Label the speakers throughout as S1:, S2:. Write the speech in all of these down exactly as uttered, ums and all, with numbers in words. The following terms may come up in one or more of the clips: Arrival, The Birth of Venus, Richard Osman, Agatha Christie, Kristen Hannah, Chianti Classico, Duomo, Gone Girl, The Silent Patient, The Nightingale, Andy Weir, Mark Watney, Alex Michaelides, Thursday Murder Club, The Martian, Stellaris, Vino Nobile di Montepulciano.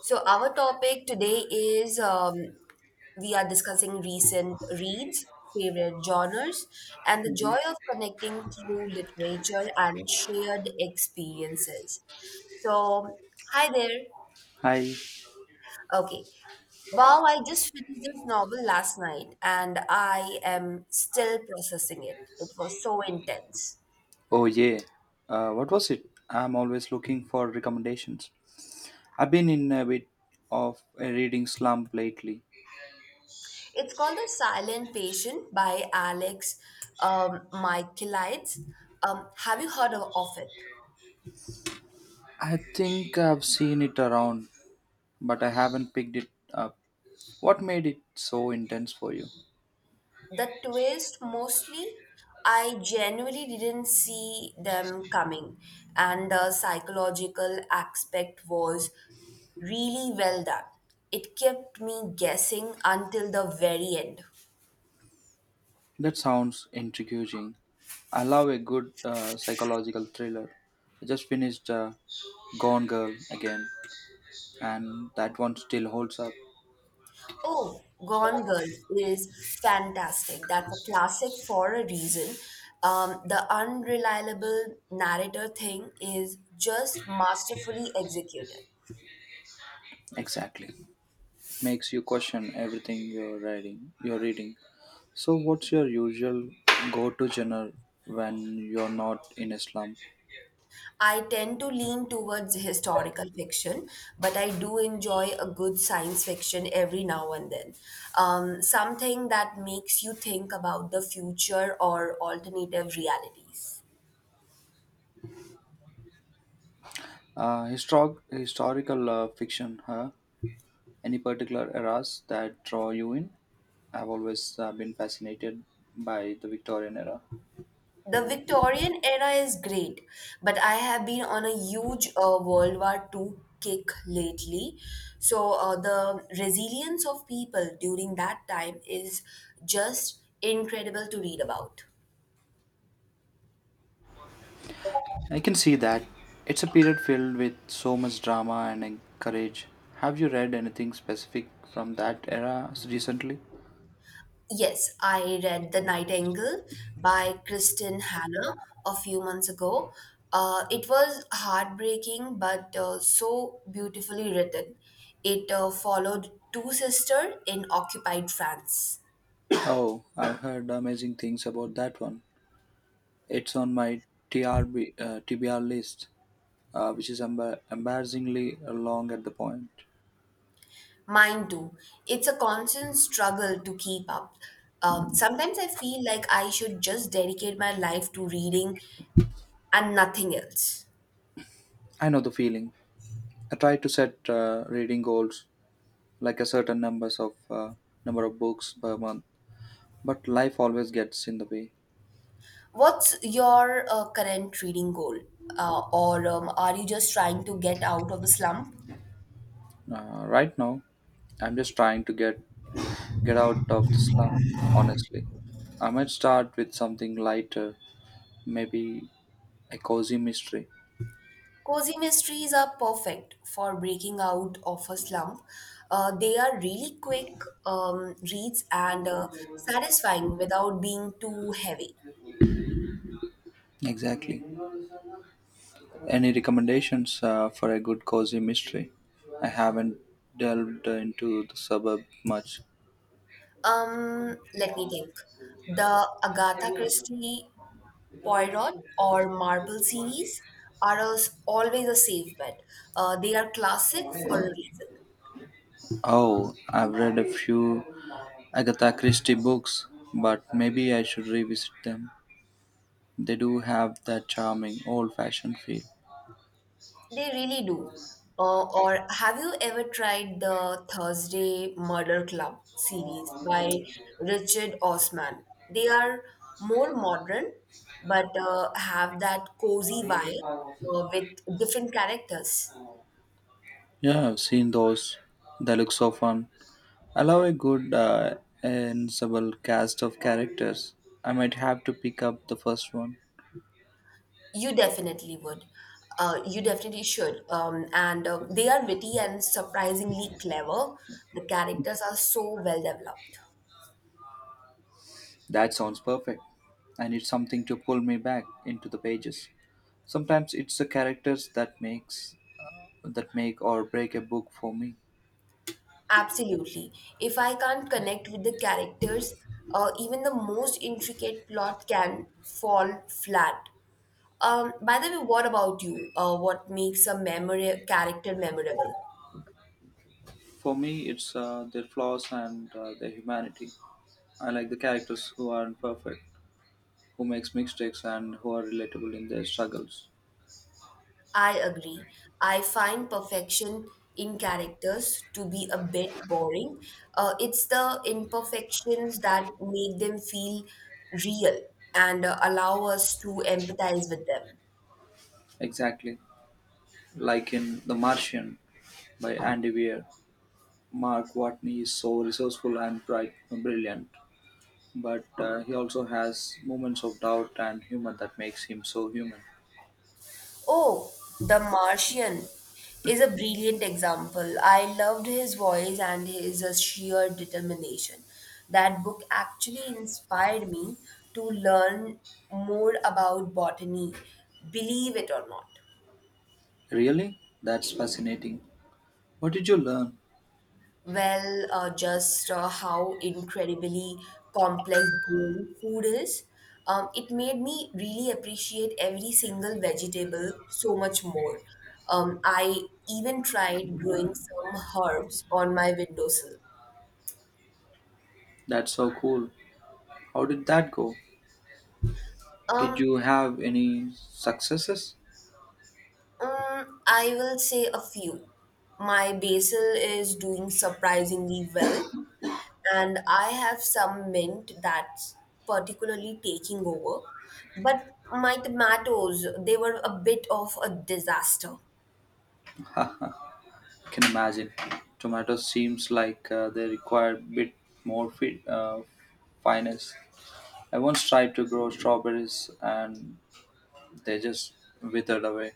S1: So, our topic today is um, we are discussing recent reads, favorite genres, and the
S2: Mhm.
S1: joy of connecting through literature and shared experiences. So, hi there.
S2: Hi.
S1: Okay. Wow, I just finished this novel last night and I am still processing it. It was so intense.
S2: Oh yeah. Uh, what was it? I'm always looking for recommendations. I've been in a bit of a reading slump lately.
S1: It's called The Silent Patient by Alex um, Michaelides. Um, have you heard of, of it?
S2: I think I've seen it around, but I haven't picked it up. What made it so intense for you?
S1: The twist mostly. I genuinely didn't see them coming, and the psychological aspect was really well done. It kept me guessing until the very end.
S2: That sounds intriguing. I love a good uh, psychological thriller. I just finished uh, Gone Girl again, and that one still holds up.
S1: Oh, Gone Girl is fantastic. That's a classic for a reason. Um, the unreliable narrator thing is just masterfully executed.
S2: Exactly. It makes you question everything you're reading. You're reading. So, what's your usual go-to genre when you're not in a slump?
S1: I tend to lean towards historical fiction, but I do enjoy a good science fiction every now and then. Um, something that makes you think about the future or alternative realities.
S2: Uh, historic, historical uh, fiction, huh? Any particular eras that draw you in? I've always uh, been fascinated by the Victorian era.
S1: The Victorian era is great, but I have been on a huge uh, World War Two kick lately. So, uh, the resilience of people during that time is just incredible to read about.
S2: I can see that. It's a period filled with so much drama and en- courage. Have you read anything specific from that era s- recently?
S1: Yes, I read The Nightingale by Kristen Hannah a few months ago. Uh, it was heartbreaking but uh, so beautifully written. It uh, followed two sisters in occupied France.
S2: Oh, I've heard amazing things about that one. It's on my T R B, uh, T B R list, uh, which is embar- embarrassingly long at the point.
S1: Mine too. It's a constant struggle to keep up. Um, sometimes I feel like I should just dedicate my life to reading and nothing else.
S2: I know the feeling. I try to set uh, reading goals, like a certain numbers of uh, number of books per month, but life always gets in the way.
S1: What's your uh, current reading goal? Uh, or um, are you just trying to get out of the slump?
S2: Uh, right now, I'm just trying to get get out of the slum, honestly. I might start with something lighter, maybe a cozy mystery.
S1: Cozy mysteries are perfect for breaking out of a slump. Uh, they are really quick um, reads and uh, satisfying without being too heavy.
S2: Exactly. Any recommendations uh, for a good cozy mystery? I haven't delved into the suburb much.
S1: Um, let me think. The Agatha Christie Poirot or Marple series are als- always a safe bet. Uh, they are classic for a reason.
S2: Oh, I've read a few Agatha Christie books, but maybe I should revisit them. They do have that charming old fashioned feel.
S1: They really do. Uh, or have you ever tried the Thursday Murder Club series by Richard Osman? They are more modern, but uh, have that cozy vibe uh, with different characters.
S2: Yeah, I've seen those. They look so fun. Allow a good uh, ensemble cast of characters. I might have to pick up the first one.
S1: You definitely would. Uh, you definitely should. Um, and uh, They are witty and surprisingly clever. The characters are so well developed.
S2: That sounds perfect. I need something to pull me back into the pages. Sometimes it's the characters that makes that make or break a book for me.
S1: Absolutely. If I can't connect with the characters, uh, even the most intricate plot can fall flat. Um, by the way, what about you? Uh, what makes a memora- character memorable?
S2: For me, it's uh, their flaws and uh, their humanity. I like the characters who aren't perfect, who makes mistakes, and who are relatable in their struggles.
S1: I agree. I find perfection in characters to be a bit boring. Uh, it's the imperfections that make them feel real and uh, allow us to empathize with them.
S2: Exactly, like in *The Martian* by Andy Weir. Mark Watney is so resourceful and bright, brilliant, but uh, he also has moments of doubt and humor that makes him so human.
S1: Oh, The Martian is a brilliant example. I loved his voice and his uh, sheer determination. That book actually inspired me to learn more about botany, believe it or not.
S2: Really? That's fascinating. What did you learn?
S1: well, uh, just uh, how incredibly complex growing food is. Um, it made me really appreciate every single vegetable so much more. Um, I even tried growing some herbs on my windowsill.
S2: That's so cool. How did that go? Did
S1: Um,
S2: you have any successes?
S1: mm, I will say a few. My basil is doing surprisingly well, and I have some mint that's particularly taking over. But my tomatoes, they were a bit of a disaster.
S2: I can imagine. Tomatoes seems like uh, they require a bit more fi- uh, finesse. I once tried to grow strawberries and they just withered away.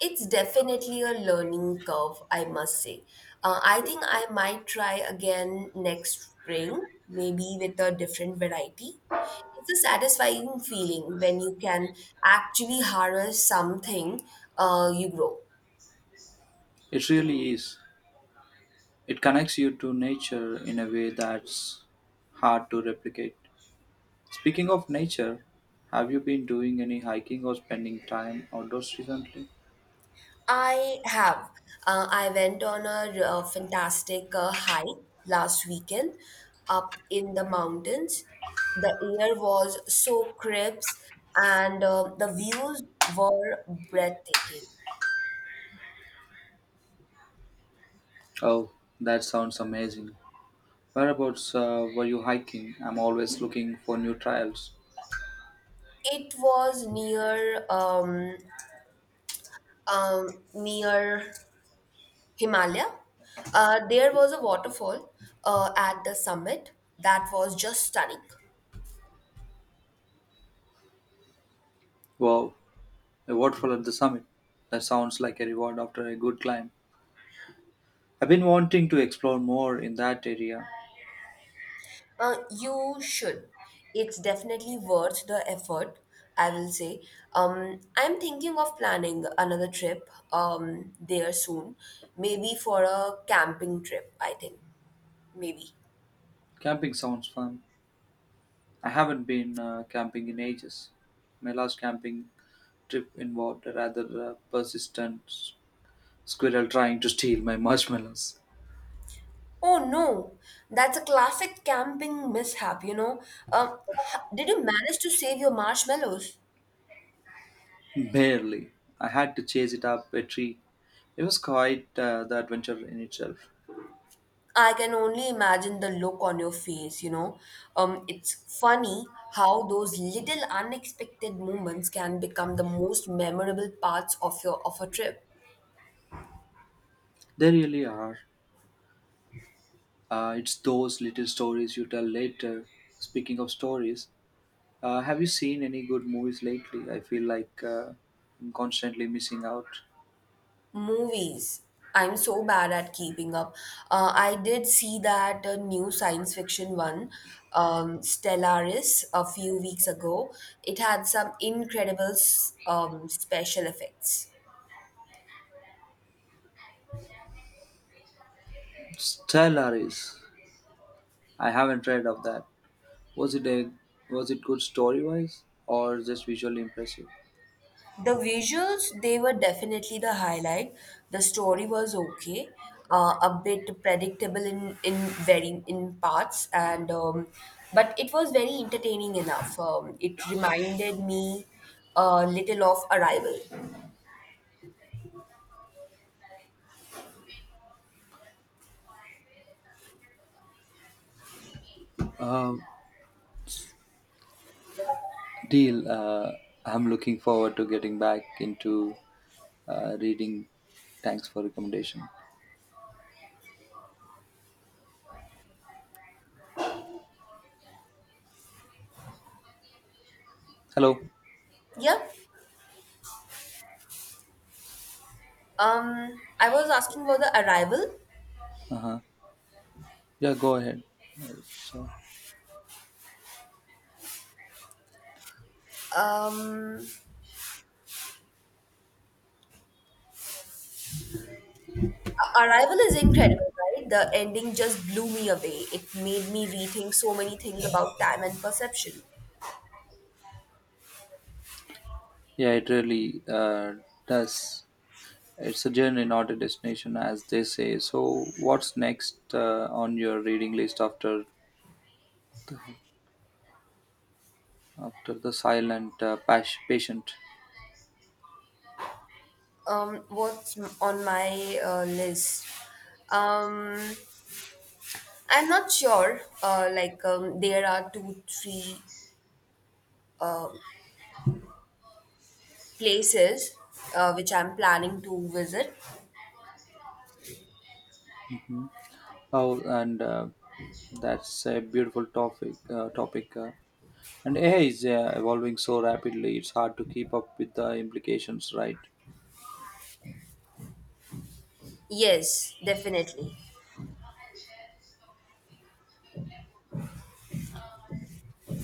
S1: It's definitely a learning curve, I must say. Uh, I think I might try again next spring, maybe with a different variety. It's a satisfying feeling when you can actually harvest something uh, you grow.
S2: It really is. It connects you to nature in a way that's hard to replicate. Speaking of nature, have you been doing any hiking or spending time outdoors recently?
S1: I have. Uh, I went on a, uh fantastic uh, hike last weekend up in the mountains. The air was so crisp and uh, the views were breathtaking.
S2: Oh, that sounds amazing. Whereabouts uh, were you hiking? I'm always looking for new trails.
S1: It was near um, um, near Himalaya. Uh, there was a waterfall uh, at the summit that was just stunning.
S2: Wow, a waterfall at the summit. That sounds like a reward after a good climb. I've been wanting to explore more in that area.
S1: Uh, you should. It's definitely worth the effort, I will say. Um, I'm thinking of planning another trip um, there soon, maybe for a camping trip, I think. Maybe.
S2: Camping sounds fun. I haven't been uh, camping in ages. My last camping trip involved a rather uh, persistent squirrel trying to steal my marshmallows.
S1: Oh no, that's a classic camping mishap, you know. Um, h- did you manage to save your marshmallows?
S2: Barely. I had to chase it up a tree. It was quite uh, the adventure in itself.
S1: I can only imagine the look on your face, you know. Um, it's funny how those little unexpected moments can become the most memorable parts of your of a trip.
S2: They really are. Uh, it's those little stories you tell later. Speaking of stories, uh, have you seen any good movies lately? I feel like uh, I'm constantly missing out.
S1: Movies. I'm so bad at keeping up. Uh, I did see that uh, new science fiction one, um, Stellaris, a few weeks ago. It had some incredible s- um, special effects.
S2: Stellaris. I haven't read of that. Was it a was it good story wise or just visually impressive?
S1: The visuals, they were definitely the highlight. The story was okay, uh, a bit predictable in in very in parts, and um, but it was very entertaining enough. Um, it reminded me a little of Arrival.
S2: Uh, Deal. Uh, I'm looking forward to getting back into uh, reading. Thanks for recommendation. Hello.
S1: Yeah. Um, I was asking about the Arrival.
S2: Uh huh. Yeah, go ahead. Uh, So
S1: Um, Arrival is incredible, right? The ending just blew me away. It made me rethink so many things about time and perception.
S2: yeah, it really uh, does. It's a journey, not a destination, as they say. So what's next uh, on your reading list after the, after the silent uh, pas- patient?
S1: Um, what's m- on my uh, list? Um, I'm not sure. Uh, like um, there are two, three places uh, which I'm planning to visit.
S2: Hmm? Oh, and uh, that's a beautiful topic. Uh, topic. Uh, And A I is uh, evolving so rapidly, it's hard to keep up with the implications, right?
S1: Yes, definitely.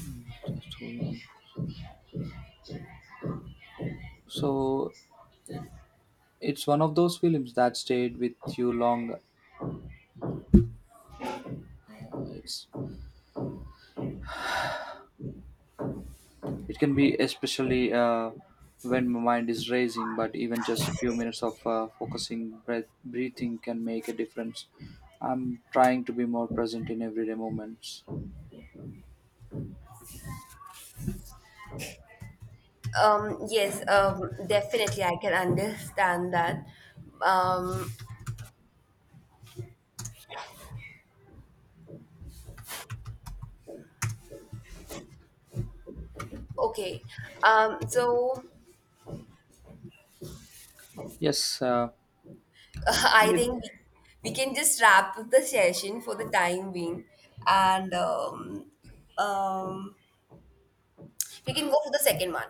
S2: Mm, just hold on. So it's one of those films that stayed with you long. It's it can be especially uh, when my mind is racing, but even just a few minutes of uh, focusing breath, breathing can make a difference. I'm trying to be more present in everyday moments.
S1: Um, yes, um, definitely. I can understand that. Um, okay. Um, so
S2: Yes, uh,
S1: I
S2: and it
S1: think we, we can just wrap the session for the time being, and um, um, we can go for the second one.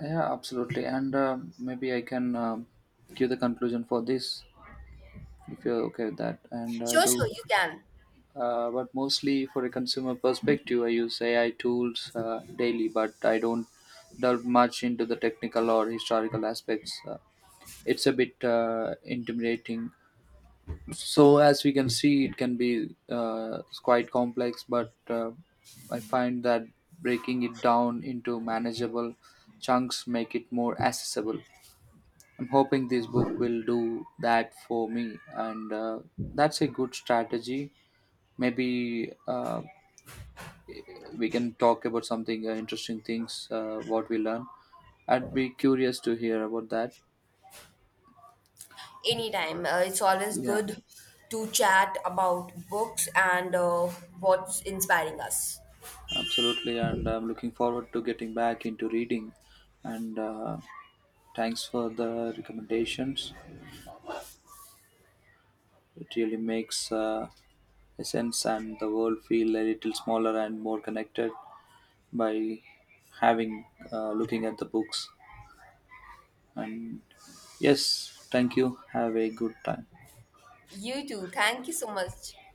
S2: Yeah, absolutely, and uh, maybe I can um give the conclusion for this. If you're okay with that, and I
S1: Sure, sure,
S2: do
S1: you can.
S2: uh, but mostly for a consumer perspective, I use A I tools uh, daily, but I don't delve much into the technical or historical aspects. Uh, it's a bit uh, intimidating, so as we can see, it can be uh, quite complex, but uh, I find that breaking it down into manageable chunks make it more accessible. I'm hoping this book will do that for me. And uh, That's a good strategy. Maybe uh, we can talk about something uh, interesting things uh, what we learn. I'd be curious to hear about that.
S1: Anytime. Uh, it's always
S2: Yeah,
S1: good to chat about books and uh, what's inspiring us.
S2: absolutely, and I'm looking forward to getting back into reading, and uh, thanks for the recommendations. It really makes uh, a sense, and the world feel a little smaller and more connected by having uh, looking at the books. And yes, thank you, have a good time.
S1: You too. Thank you so much.